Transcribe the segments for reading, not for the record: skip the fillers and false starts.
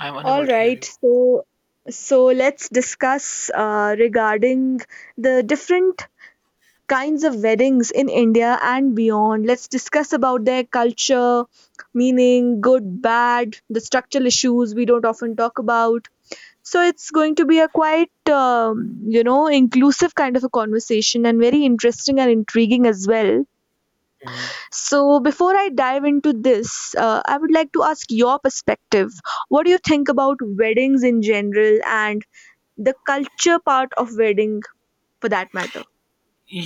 I am unable All to hear right, you. so let's discuss regarding the different kinds of weddings in India and beyond. Let's discuss about their culture, meaning good, bad, the structural issues we don't often talk about. So it's going to be a quite inclusive kind of a conversation and very interesting and intriguing as well. So, before I dive into this, I would like to ask your perspective. What do you think about weddings in general and the culture part of wedding for that matter?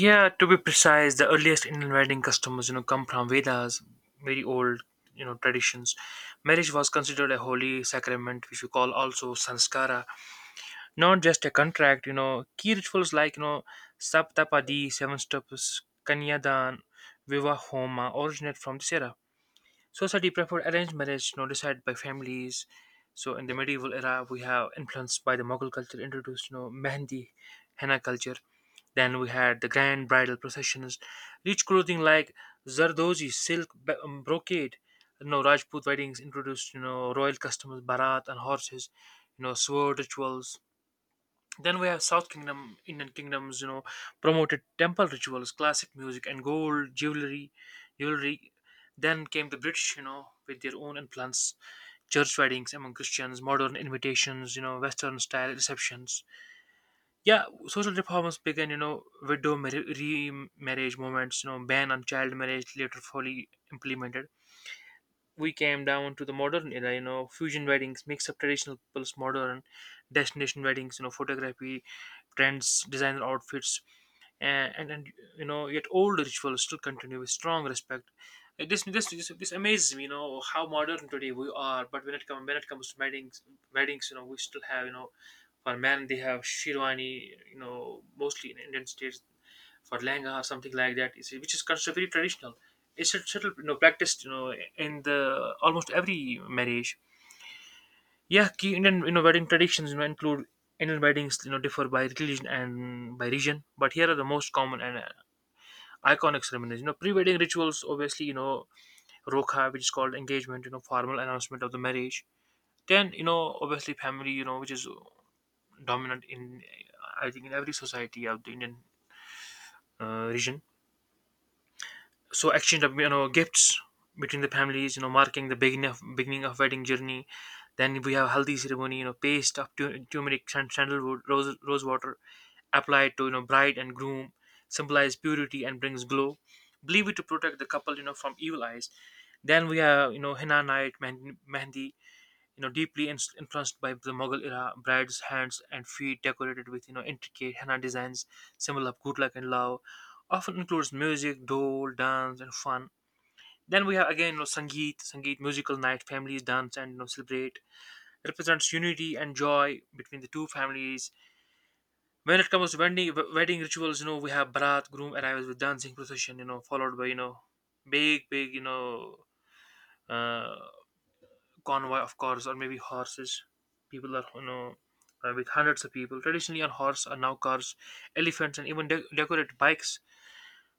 Yeah, to be precise, the earliest Indian wedding customs, you know, come from Vedas, very old, you know, traditions. Marriage was considered a holy sacrament, which we call also sanskara, not just a contract. You know, key rituals like saptapadi, seven steps, kanyadan, viva homa, originate from this era. Society preferred arranged marriage, no decided by families. So in the medieval era, we have influenced by the Mughal culture, introduced, you know, Mehndi, henna culture. Then we had the grand bridal processions, rich clothing like zardozi, silk, brocade. You know, Rajput weddings introduced, you know, royal customs, barat and horses. You know, sword rituals. Then we have South Kingdom, Indian kingdoms, you know, promoted temple rituals, classic music, and gold jewelry. Jewelry. Then came the British, you know, with their own influence, church weddings among Christians, modern invitations, you know, Western style receptions. Yeah, social reforms began, you know, widow remarriage movements, you know, ban on child marriage later fully implemented. We came down to the modern era, you know, fusion weddings, mix of traditional plus modern, destination weddings, you know, photography, trends, designer outfits, and you know yet old rituals still continue with strong respect. This amazes me, you know, how modern today we are, but when it comes to weddings, weddings, you know, we still have, you know, for men they have shirwani, you know, mostly in Indian states, for langa or something like that, you see, which is considered very traditional. It's a subtle, you know, practiced, you know, in the almost every marriage. Yeah, key Indian, you know, wedding traditions, you know, include Indian weddings. You know, differ by religion and by region, but here are the most common and iconic ceremonies. You know, pre-wedding rituals, obviously, you know, rokha, which is called engagement. You know, formal announcement of the marriage. Then, you know, obviously family, you know, which is dominant in, I think, in every society of the Indian region. So exchange of, you know, gifts between the families, you know, marking the beginning of wedding journey. Then we have haldi ceremony, you know, paste of turmeric and sandalwood, rose water applied to, you know, bride and groom. Symbolize purity and brings glow. Believe it to protect the couple, you know, from evil eyes. Then we have, you know, henna night, mehndi, you know, deeply influenced by the Mughal era. Bride's hands and feet decorated with, you know, intricate henna designs, symbol of good luck and love, often includes music, dole, dance, and fun. Then we have again, you know, Sangeet musical night. Families dance and, you know, celebrate. Represents unity and joy between the two families. When it comes to wedding rituals, you know, we have Barat, groom arrives with dancing procession, you know, followed by, you know, big, big, you know. Uh, Convoy of cars or maybe horses. People are, you know, with hundreds of people, traditionally on horse are now cars, elephants, and even decorated bikes.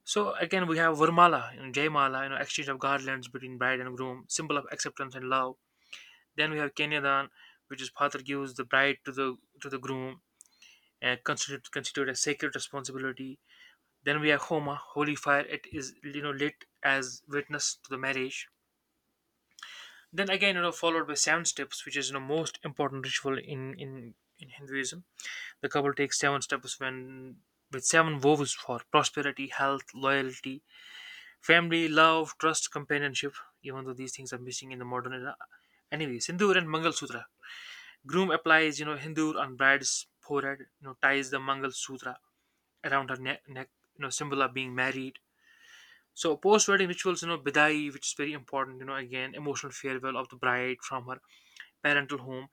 So again, we have Vermala, you know, Jaymala, you know, exchange of garlands between bride and groom, symbol of acceptance and love. Then we have Kenyadan, which is father gives the bride to the groom and considered a sacred responsibility. Then we have Homa, holy fire. It is, you know, lit as witness to the marriage. Then again, you know, followed by seven steps, which is, you know, most important ritual in in Hinduism. The couple takes seven steps when with seven vows for prosperity, health, loyalty, family, love, trust, companionship. Even though these things are missing in the modern era, anyway, Sindoor and Mangal Sutra. Groom applies, you know, Hindoor on bride's forehead. You know, ties the Mangal Sutra around her neck. You know, symbol of being married. So post-wedding rituals, you know, bidai, which is very important, you know, again, emotional farewell of the bride from her parental home.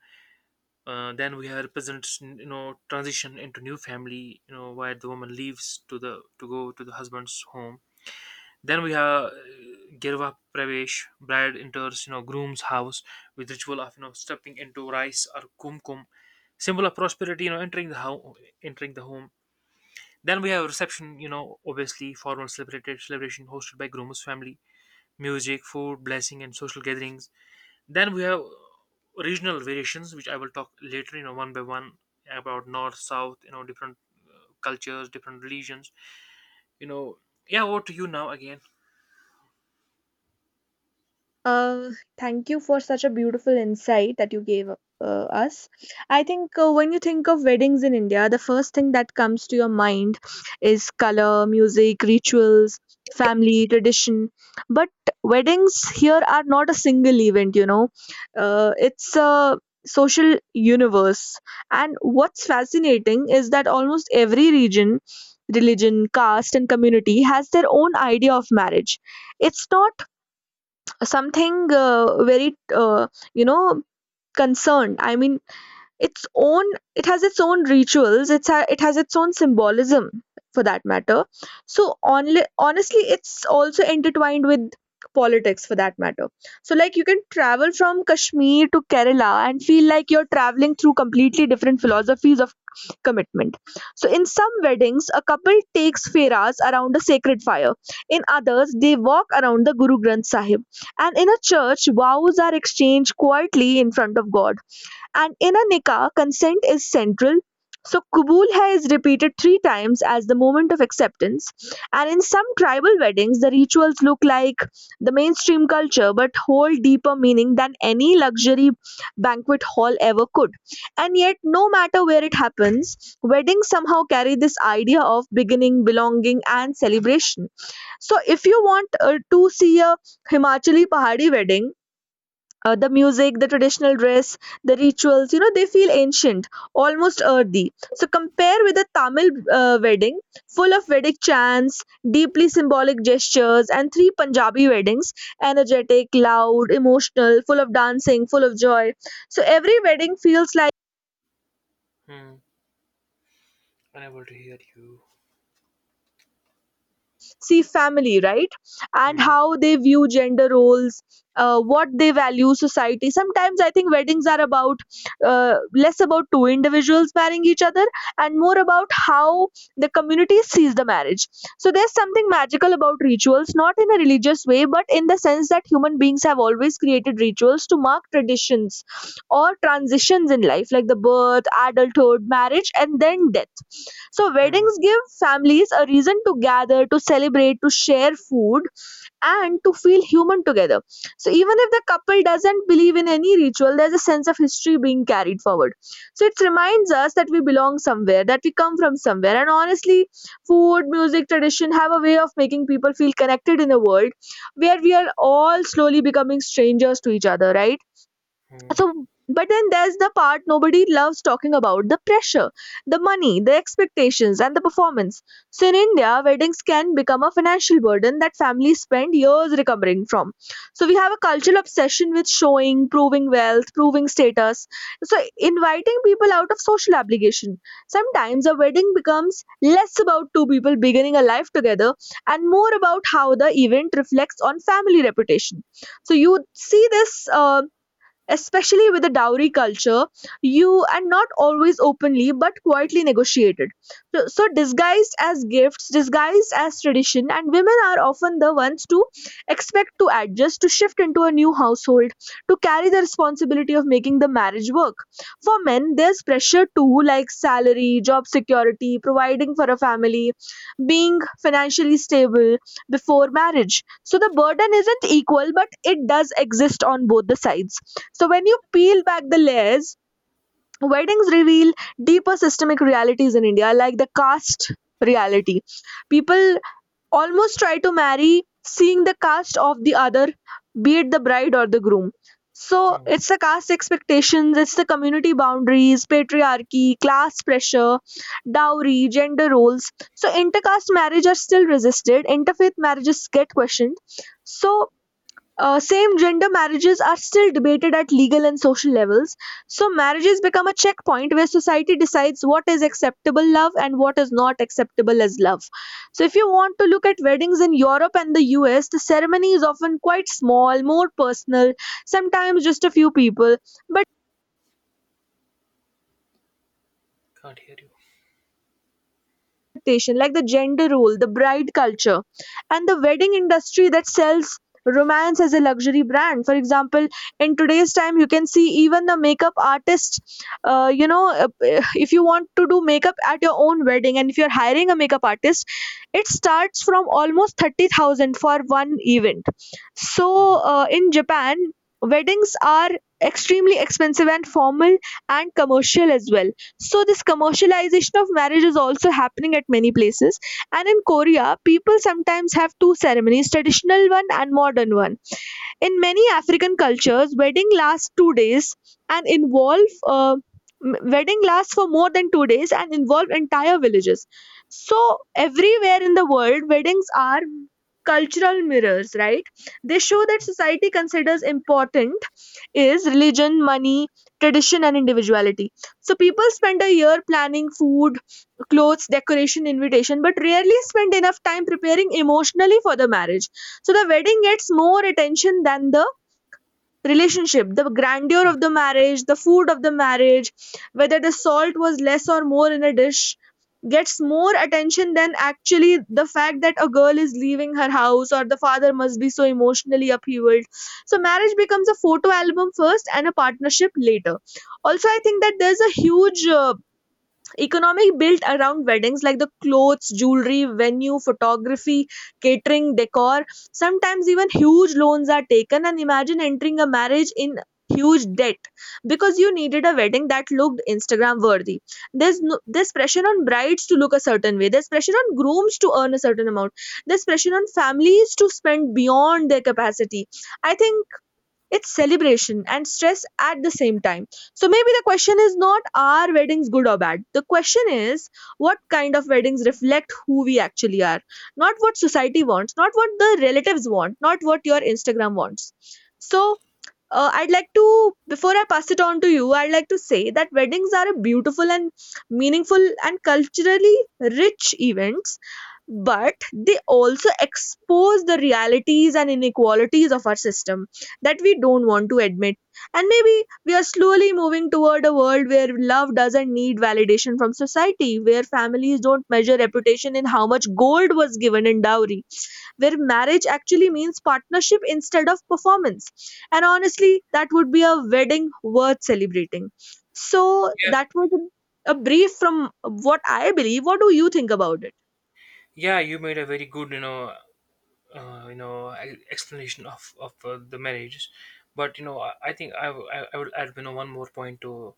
Then we have represents, you know, transition into new family, you know, where the woman leaves to the to go to the husband's home. Then we have girva pravesh, bride enters, you know, groom's house with ritual of, you know, stepping into rice or kumkum, symbol of prosperity, you know, entering the house, entering the home. Then we have reception, you know, obviously formal celebrated celebration hosted by groom's family, music, food, blessing, and social gatherings. Then we have regional variations, which I will talk later, you know, one by one, about north, south, you know, different cultures, different religions, you know. Yeah, over to you now again. Uh, Thank you for such a beautiful insight that you gave us. I think when you think of weddings in India, the first thing that comes to your mind is color, music, rituals, family, tradition. But weddings here are not a single event, it's a social universe. And what's fascinating is that almost every region, religion, caste, and community has their own idea of marriage. It's not something very you know concerned I mean its own. It has its own rituals. It has its own symbolism for that matter. So only honestly it's also intertwined with politics for that matter. So like you can travel from Kashmir to Kerala and feel like you're traveling through completely different philosophies of commitment. So in some weddings a couple takes feras around a sacred fire, in others they walk around the Guru Granth Sahib, and in a church vows are exchanged quietly in front of God, and in a nikah, consent is central. So kubul hai is repeated 3 times as the moment of acceptance. And in some tribal weddings, the rituals look like the mainstream culture but hold deeper meaning than any luxury banquet hall ever could. And yet, no matter where it happens, weddings somehow carry this idea of beginning, belonging, and celebration. So, if you want to see a Himachali Pahari wedding, the music, the traditional dress, the rituals, you know, they feel ancient, almost earthy. So compare with a Tamil wedding, full of Vedic chants, deeply symbolic gestures, and three Punjabi weddings, energetic, loud, emotional, full of dancing, full of joy. So every wedding feels like Hmm. Unable to hear you. see family, right? And Hmm. how they view gender roles, what they value, society. Sometimes I think weddings are about less about two individuals marrying each other and more about how the community sees the marriage. So there's something magical about rituals, not in a religious way but in the sense that human beings have always created rituals to mark traditions or transitions in life like the birth, adulthood, marriage, and then death. So Hmm. weddings give families a reason to gather, to celebrate, to share food, and to feel human together. So even if the couple doesn't believe in any ritual, there's a sense of history being carried forward. So it reminds us that we belong somewhere, that we come from somewhere. And honestly, food, music, tradition have a way of making people feel connected in a world where we are all slowly becoming strangers to each other, right? Hmm. So, but then there's the part nobody loves talking about: the pressure, the money, the expectations, and the performance. So, in India, weddings can become a financial burden that families spend years recovering from. So, we have a cultural obsession with showing, proving wealth, proving status. So, inviting people out of social obligation. Sometimes a wedding becomes less about two people beginning a life together and more about how the event reflects on family reputation. So, you see this. Especially with the dowry culture you and not always openly but quietly negotiated, so disguised as gifts, disguised as tradition, and women are often the ones to expect to adjust, to shift into a new household, to carry the responsibility of making the marriage work. For men there's pressure too, like salary, job security, providing for a family, being financially stable before marriage. So the burden isn't equal but it does exist on both the sides. So when you peel back the layers, weddings reveal deeper systemic realities in India, like the caste reality. People almost try to marry seeing the caste of the other, be it the bride or the groom. So Hmm. it's the caste expectations, it's the community boundaries, patriarchy, class pressure, dowry, gender roles. So intercaste marriage are still resisted, interfaith marriages get questioned. So same gender marriages are still debated at legal and social levels. So, marriages become a checkpoint where society decides what is acceptable love and what is not acceptable as love. So, if you want to look at weddings in Europe and the US, the ceremony is often quite small, more personal, sometimes just a few people. But Can't hear you. expectation, like the gender role, the bride culture, and the wedding industry that sells romance as a luxury brand. For example, in today's time, you can see even the makeup artist. Uh, you know, uh, if you want to do makeup at your own wedding, and if you're hiring a makeup artist, it starts from almost 30,000 for one event. So, Hmm. In Japan, weddings are extremely expensive and formal and commercial as well. So this commercialization of marriage is also happening at many places. And in Korea, people sometimes have two ceremonies, traditional one and modern one. In many African cultures, wedding lasts two days and involve wedding lasts for more than two days and involve entire villages. So everywhere in the world, weddings are cultural mirrors, right? They show that society considers important is religion, money, tradition, and individuality. So people spend a year planning food, clothes, decoration, invitation, but rarely spend enough time preparing emotionally for the marriage. So the wedding gets more attention than the relationship. The grandeur of the marriage, the food of the marriage, whether the salt was less or more in a dish gets more attention than actually the fact that a girl is leaving her house or the father must be so emotionally upheavaled. So marriage becomes a photo album first and a partnership later. Also, I think that there's a huge economic built around weddings like the clothes, jewelry, venue, photography, catering, decor. Sometimes even huge loans are taken and imagine entering a marriage in huge debt because you needed a wedding that looked Instagram worthy. There's no, There's pressure on brides to look a certain way, there's pressure on grooms to earn a certain amount, there's pressure on families to spend beyond their capacity. I think it's celebration and stress at the same time. So maybe the question is not, are weddings good or bad? The question is what kind of weddings reflect who we actually are, not what society wants, not what the relatives want, not what your Instagram wants. So I'd like to, before I pass it on to you, I'd like to say that weddings are a beautiful and meaningful and culturally rich event but they also expose the realities and inequalities of our system that we don't want to admit. And maybe we are slowly moving toward a world where love doesn't need validation from society, where families don't measure reputation in how much gold was given in dowry, where marriage actually means partnership instead of performance. And honestly, that would be a wedding worth celebrating. So, Yeah, that was a brief from what I believe. What do you think about it? yeah, you made a very good, you know explanation of the marriages, but you know I think I, w- I would add, you know, one more point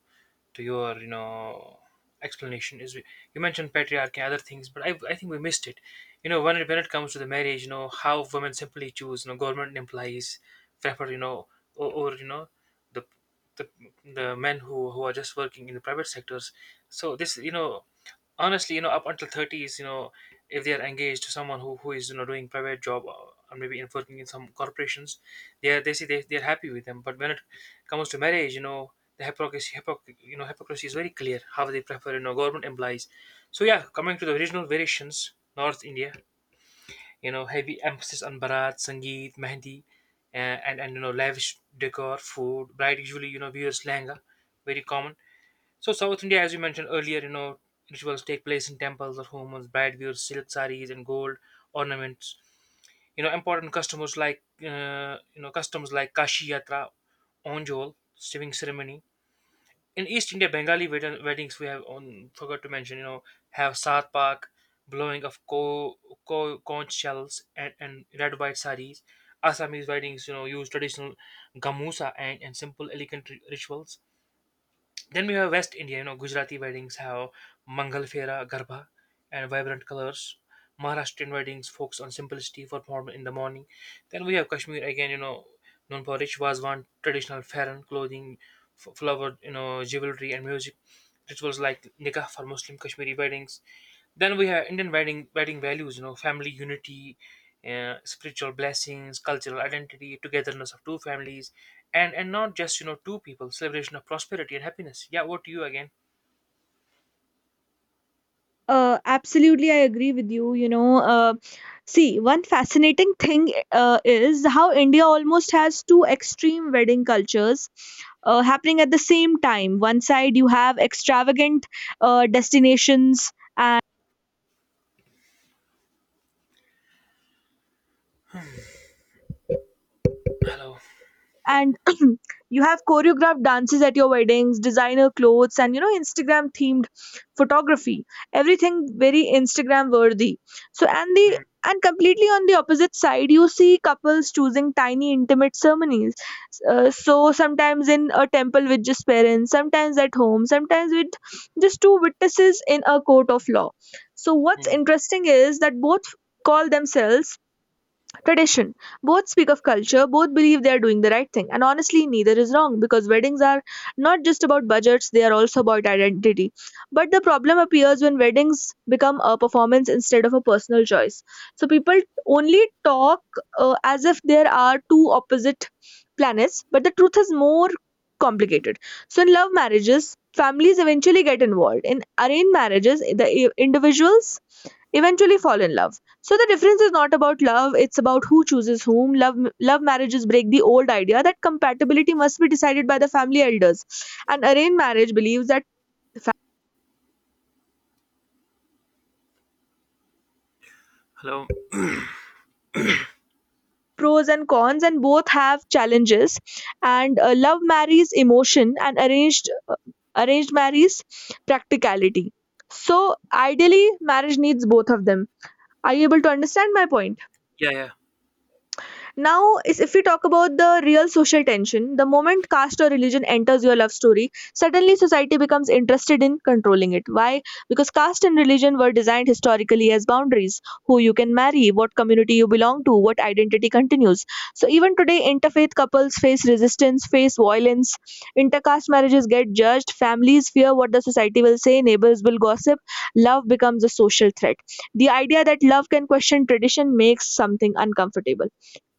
to your, you know, explanation is you mentioned patriarchy and other things, but I think we missed it, you know, when it comes to the marriage, you know, how women simply choose, you know, government employees, prefer, you know, or, you know, the the the men who are just working in the private sectors. So this, you know, honestly, you know, up until 30s, you know, if they are engaged to someone who is, you know, doing private job, or maybe in working in some corporations, they are they say they are happy with them, but when it comes to marriage, you know, the you know hypocrisy is very clear how they prefer, you know, government implies. So yeah, coming to the original variations, north India, you know, heavy emphasis on barat, sangeet, mehndi, and, you know, lavish decor, food. Bride usually, you know, wears langa, very common. So South India, as you mentioned earlier, you know, rituals take place in temples or homes. Bride wears silk saris and gold ornaments. You know, important customers like you know customs like Kashi Yatra, Onjol, sewing ceremony. In East India, Bengali weddings we have on forgot to mention. You know, have Saat Pak, blowing of co conch shells and red white saris. Assamese weddings, you know, use traditional gamusa and simple elegant rituals. Then we have West India, you know, Gujarati weddings have Mangal Fera, Garba, and vibrant colors. Maharashtrian weddings focus on simplicity for formal in the morning. Then we have Kashmir again, you know, known for rich Vazwan, traditional Farran clothing, flowered, you know, jewelry and music, rituals like nikah for Muslim Kashmiri weddings. Then we have Indian wedding values, you know, family unity, spiritual blessings, cultural identity, togetherness of two families, and not just, you know, two people. Celebration of prosperity and happiness. Yeah, what to you again? Absolutely, I agree with you. You know, see, one fascinating thing is how India almost has two extreme wedding cultures happening at the same time. One side, you have extravagant destinations Hello. and you have choreographed dances at your weddings, designer clothes, and you know, Instagram themed photography, everything very Instagram worthy. So Hmm, and completely on the opposite side you see couples choosing tiny intimate ceremonies, so sometimes in a temple with just parents, sometimes at home, sometimes with just two witnesses in a court of law. So what's hmm. interesting is that both call themselves tradition. Both speak of culture, both believe they are doing the right thing. And honestly, neither is wrong because weddings are not just about budgets, they are also about identity. But the problem appears when weddings become a performance instead of a personal choice. So people only talk as if there are two opposite planets, but the truth is more complicated. So in love marriages, families eventually get involved. In arranged marriages, individuals eventually fall in love. So the difference is not about love, it's about who chooses whom. Love marriages break the old idea that compatibility must be decided by the family elders. And arranged marriage believes that Hello. pros and cons and both have challenges and love marries emotion and arranged marries practicality. So ideally marriage needs both of them. Are you able to understand my point? Yeah, yeah. Now, is if we talk about the real social tension, the moment caste or religion enters your love story, suddenly society becomes interested in controlling it. Why? Because caste and religion were designed historically as boundaries, who you can marry, what community you belong to, what identity continues. So, even today, interfaith couples face resistance, face violence, intercaste marriages get judged, families fear what the society will say, neighbors will gossip, love becomes a social threat. The idea that love can question tradition makes something uncomfortable.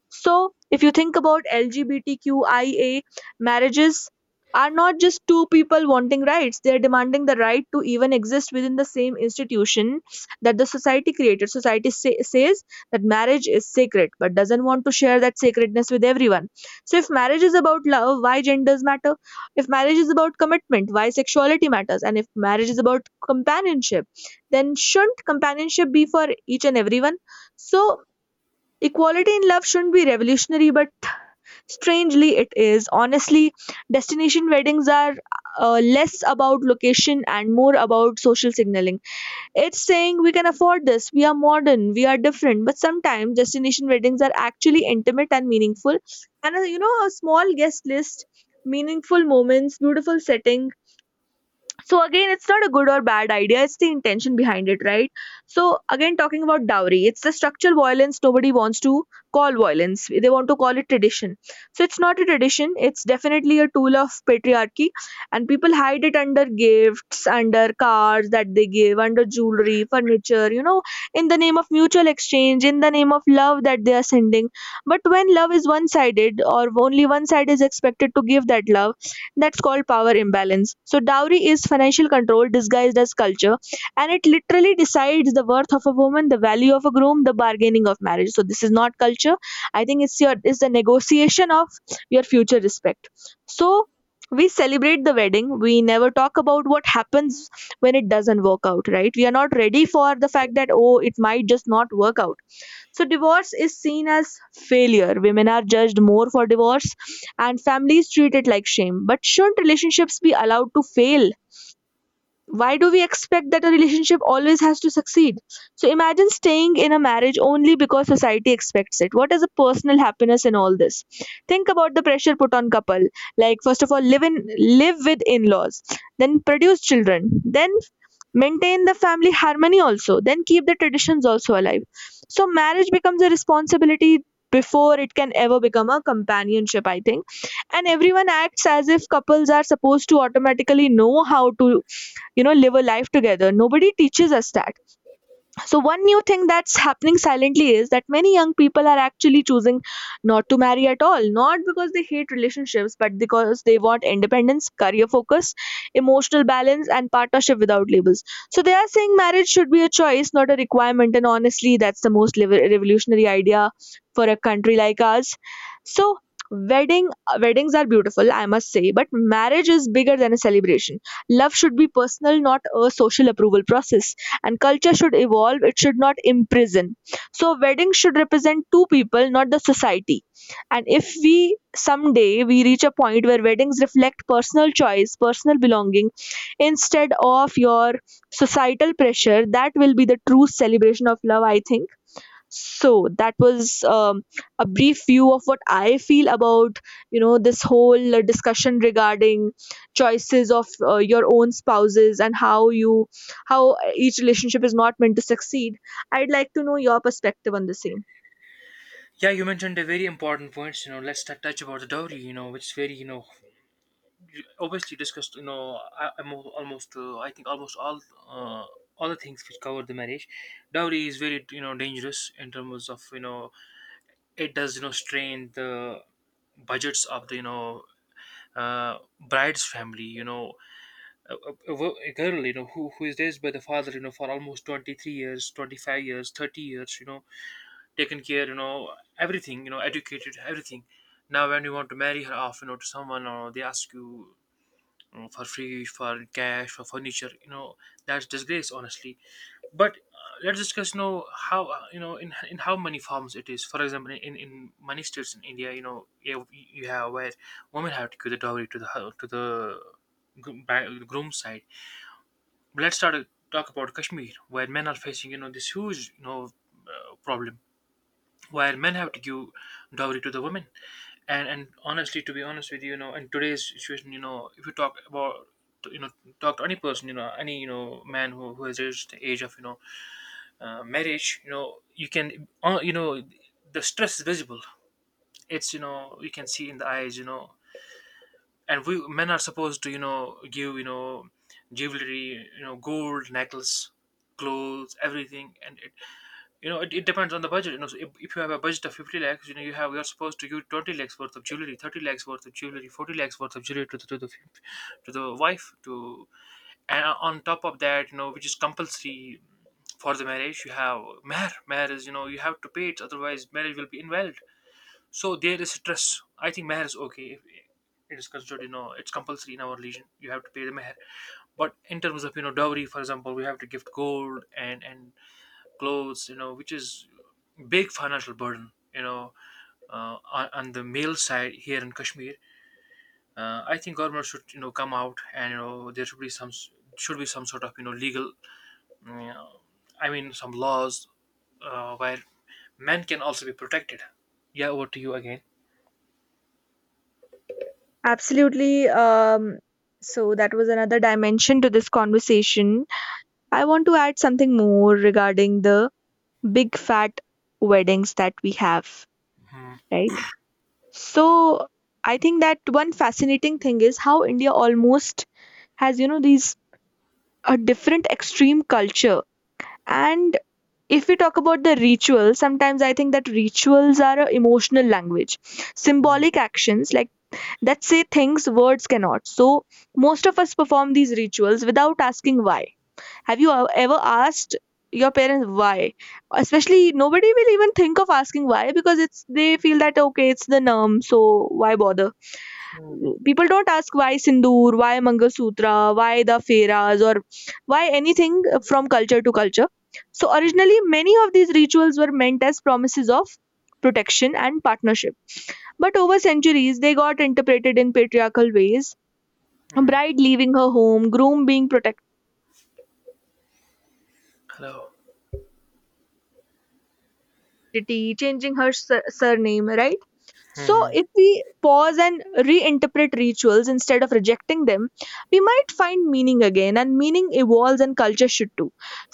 So, if you think about LGBTQIA marriages, are not just two people wanting rights, they are demanding the right to even exist within the same institution that the society created. Society says that marriage is sacred but doesn't want to share that sacredness with everyone. So, if marriage is about love, why genders matter? If marriage is about commitment, why sexuality matters? And if marriage is about companionship, then shouldn't companionship be for each and everyone? So, equality in love shouldn't be revolutionary, but strangely it is. Honestly, destination weddings are less about location and more about social signaling. It's saying we can afford this, we are modern, we are different, but sometimes destination weddings are actually intimate and meaningful. And you know, a small guest list, meaningful moments, beautiful setting. So again, it's not a good or bad idea, it's the intention behind it, right? So again, talking about dowry, it's the structural violence nobody wants to call violence, they want to call it tradition. So it's not a tradition, it's definitely a tool of patriarchy, and people hide it under gifts, under cars that they give, under jewelry, furniture, you know, in the name of mutual exchange, in the name of love that they are sending. But when love is one sided or only one side is expected to give that love, that's called power imbalance. So, dowry is financial control disguised as culture, and it literally decides the worth of a woman, the value of a groom, the bargaining of marriage. So, this is not culture. I think it's your, it's the negotiation of your future respect. So, we celebrate the wedding. We never talk about what happens when it doesn't work out, right? We are not ready for the fact that, oh, it might just not work out. So, divorce is seen as failure. Women are judged more for divorce, and families treat it like shame. But shouldn't relationships be allowed to fail? Why do we expect that a relationship always has to succeed? So, imagine staying in a marriage only because society expects it. What is a personal happiness in all this? Think about the pressure put on couple. Like, first of all, live with in-laws, then produce children, then maintain the family harmony also, then keep the traditions also alive. So marriage becomes a responsibility before it can ever become a companionship, I think. And everyone acts as if couples are supposed to automatically know how to, you know, live a life together. Nobody teaches us that. So, one new thing that's happening silently is that many young people are actually choosing not to marry at all, not because they hate relationships, but because they want independence, career focus, emotional balance, and partnership without labels. So, they are saying marriage should be a choice, not a requirement. And honestly, that's the most revolutionary idea for a country like ours. So, wedding weddings are beautiful, I must say, but marriage is bigger than a celebration. Love should be personal, not a social approval process, and culture should evolve, it should not imprison. So weddings should represent two people, not the society. And if we, someday we reach a point where weddings reflect personal choice, personal belonging, instead of your societal pressure, that will be the true celebration of love, I think. So that was a brief view of what I feel about, you know, this whole discussion regarding choices of your own spouses, and how you, how each relationship is not meant to succeed. I'd like to know your perspective on the same. Yeah, you mentioned a very important points. You know, let's touch about the dowry. You know, which is very, you know, you obviously discussed. You know, almost I think almost uh, all the things which cover the marriage. Dowry is very, you know, dangerous in terms of, you know, it does, you know, strain the budgets of the, you know, uh, bride's family. You know, a girl, you know, who is raised by the father, you know, for almost 23 years, 25 years, 30 years, you know, taken care, you know, everything, you know, educated, everything. Now when you want to marry her off, you know, to someone, or they ask you for free, for cash, for furniture. You know, that's disgrace, honestly. But let's discuss, you know, how you know in how many forms it is. For example, in many states in India, you know, you have where women have to give the dowry to the groom side. But let's start talk about Kashmir, where men are facing, you know, this huge, you know, problem where men have to give dowry to the women and honestly, to be honest with you, you know, in today's situation, you know, if you talk about, you know, talk to any person, you know, any, you know, man who has reached the age of, you know, marriage, you know, you can, you know, the stress is visible. It's, you know, you can see in the eyes, you know, and we men are supposed to, you know, give, you know, jewelry, you know, gold necklace, clothes, everything. And it, you know, it depends on the budget, you know. So if you have a budget of 50 lakhs, you know, you have, you're supposed to give 20 lakhs worth of jewelry, 30 lakhs worth of jewelry, 40 lakhs worth of jewelry to the to the, to the wife. To and on top of that, you know, which is compulsory for the marriage, you have mahr. Mahr is, you know, you have to pay it, otherwise marriage will be invalid. So there is stress. I think mahr is okay if it is considered, you know, it's compulsory in our religion. You have to pay the mahr. But in terms of, you know, dowry, for example, we have to gift gold and clothes, you know, which is big financial burden, you know. On the male side here in Kashmir, I think government should, you know, come out and, you know, there should be some should be some sort of, you know, legal, you know, I mean, some laws, where men can also be protected. Yeah, over to you again. Absolutely. So that was another dimension to this conversation. I want to add something more regarding the big fat weddings that we have, Hmm, right? So I think that one fascinating thing is how India almost has, you know, these a different extreme culture. And if we talk about the rituals, sometimes I think that rituals are a emotional language, hmm, symbolic actions like that say things words cannot. So most of us perform these rituals without asking why. Have you ever asked your parents why? Especially nobody will even think of asking why because it's, they feel that okay, it's the norm, so why bother? hmm, People don't ask why sindoor, why mangalsutra, why the feras, or why anything, from culture to culture. So hmm, originally, many of these rituals were meant as promises of protection and partnership, but over centuries they got interpreted in patriarchal ways. A hmm. bride leaving her home, groom being protected, Hello. changing her surname, right? So, Hmm, if we pause and reinterpret rituals instead of rejecting them, we might find meaning again, and meaning evolves and culture should too.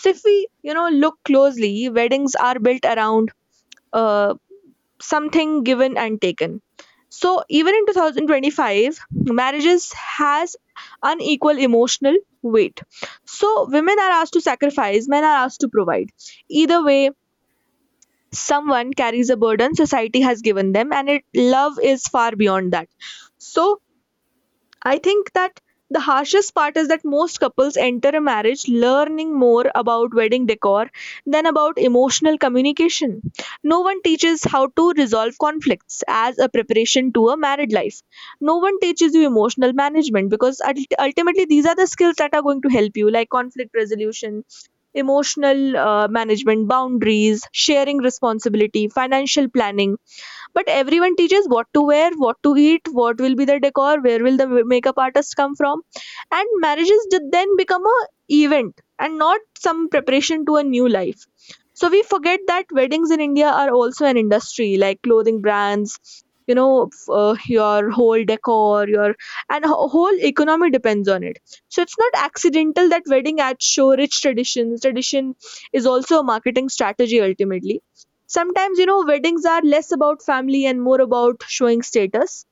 So, if we, you know, look closely, weddings are built around uh, something given and taken. So, even in 2025, marriages has unequal emotional weight. So, women are asked to sacrifice, men are asked to provide. Either way, someone carries a burden society has given them, and it, love is far beyond that. So I think that the harshest part is that most couples enter a marriage learning more about wedding decor than about emotional communication. No one teaches how to resolve conflicts as a preparation to a married life. No one teaches you emotional management, because ultimately these are the skills that are going to help you, like conflict resolution, emotional management, boundaries, sharing responsibility, financial planning. But everyone teaches what to wear, what to eat, what will be the decor, where will the makeup artist come from. And marriages did then become a event and not some preparation to a new life. So we forget that weddings in India are also an industry, like clothing brands, you know, your whole decor, your, and a whole economy depends on it. So it's not accidental that wedding ads show rich traditions. Tradition is also a marketing strategy, ultimately. Sometimes, you know, weddings are less about family and more about showing status.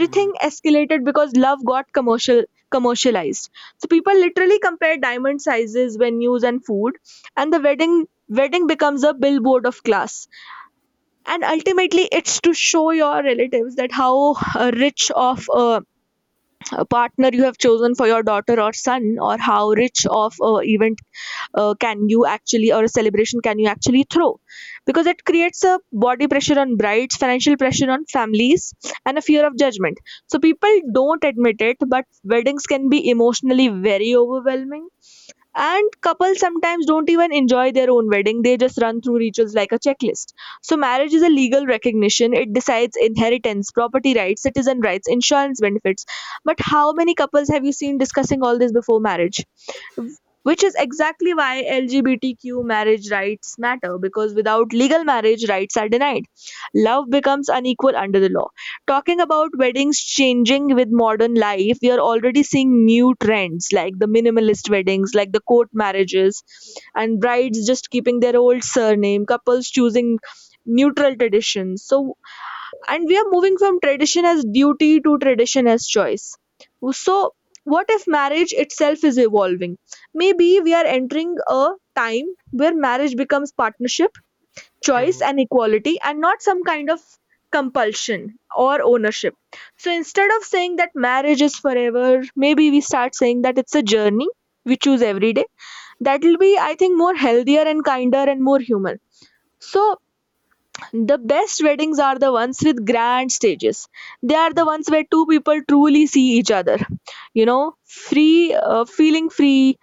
hmm, escalated because love got commercialized. So people literally compare diamond sizes, venues, and food, and the wedding becomes a billboard of class. And ultimately, it's to show your relatives that how rich of a partner you have chosen for your daughter or son, or how rich of a event can you actually, or a celebration can you actually throw. Because it creates a body pressure on brides, financial pressure on families, and a fear of judgment. So people don't admit it, but weddings can be emotionally very overwhelming, and couples sometimes don't even enjoy their own wedding, they just run through rituals like a checklist. So marriage is a legal recognition, it decides inheritance, property rights, citizen rights, insurance benefits. But how many couples have you seen discussing all this before marriage? Which is exactly why LGBTQ marriage rights matter, because without legal marriage, rights are denied. Love becomes unequal under the law. Talking about weddings changing with modern life, we are already seeing new trends, like the minimalist weddings, like the court marriages, and brides just keeping their old surname, couples choosing neutral traditions. So, and we are moving from tradition as duty to tradition as choice. So what if marriage itself is evolving? Maybe we are entering a time where marriage becomes partnership, choice, hmm. and equality, and not some kind of compulsion or ownership. So instead of saying that marriage is forever, maybe we start saying that it's a journey we choose every day. That will be, I think, more healthier and kinder and more human. So the best weddings are the ones with grand stages. They are the ones where two people truly see each other. You know, feeling free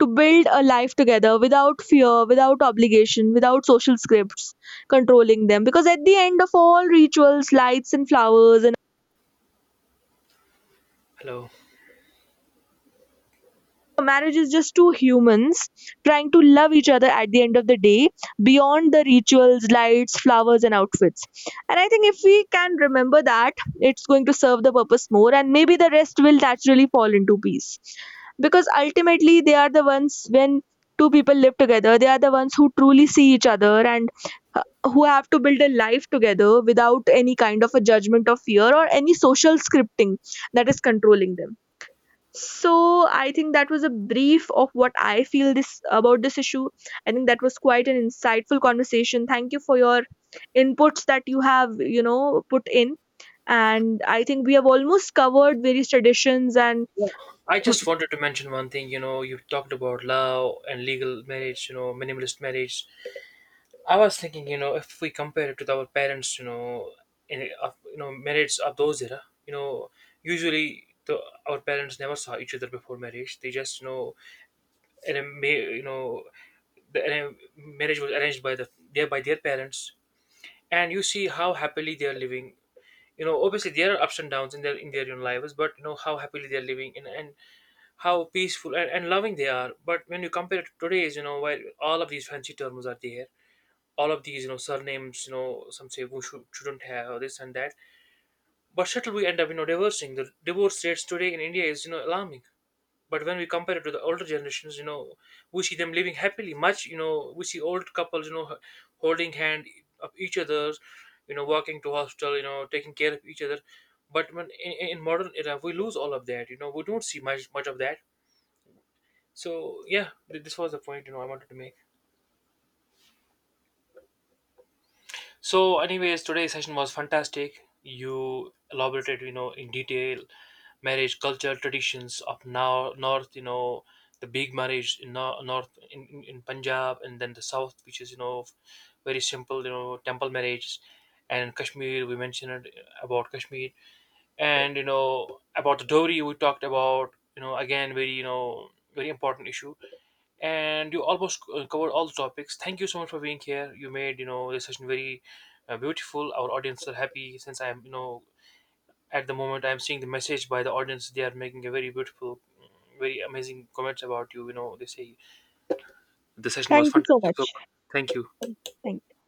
to build a life together without fear, without obligation, without social scripts controlling them. Because at the end of all rituals, lights and flowers and, Hello. a marriage is just two humans trying to love each other at the end of the day, beyond the rituals, lights, flowers, and outfits. And I think if we can remember that, it's going to serve the purpose more, and maybe the rest will naturally fall into peace. Because ultimately, they are the ones, when two people live together, they are the ones who truly see each other, and uh, who have to build a life together without any kind of a judgment of fear or any social scripting that is controlling them. So I think that was a brief of what I feel this about this issue. I think that was quite an insightful conversation. Thank you for your inputs that you have, you know, put in. And I think we have almost covered various traditions and I just wanted to mention one thing, you know, you talked about love and legal marriage, you know, minimalist marriage. I was thinking, you know, if we compare it with our parents, you know, in of, you know, marriage of those era, you know, usually the our parents never saw each other before marriage. They just, you know, and, you know, marriage was arranged by the their by their parents, and you see how happily they are living. You know, obviously there are ups and downs in their own lives, but you know how happily they are living, and how peaceful and loving they are. But when you compare it to today's, you know, where all of these fancy terms are there, all of these, you know, surnames, you know, some say who should, shouldn't have or this and that. But still, we end up, you know, divorcing. The divorce rates today in India is, you know, alarming. But when we compare it to the older generations, you know, we see them living happily. Much, you know, we see old couples, you know, holding hand of each other, you know, walking to hospital, you know, taking care of each other. But when in, in modern era, we lose all of that. You know, we don't see much of that. So yeah, this was the point, you know, I wanted to make. So, anyways, today's session was fantastic. You elaborated, you know, in detail marriage culture traditions of now north. You know, the big marriage in north in, in Punjab, and then the south, which is, you know, very simple. You know, temple marriages, and Kashmir. We mentioned it about Kashmir, and you know about the dowry. We talked about, you know, again, very, you know, very important issue. And you almost covered all the topics. Thank you so much for being here. You made, you know, this session very beautiful. Our audience are happy, since I'm, you know, at the moment I'm seeing the message by the audience. They are making a very beautiful, mm, very amazing comments about you. You know, they say the session was thank you so fantastic. So much. thank you. Thank you.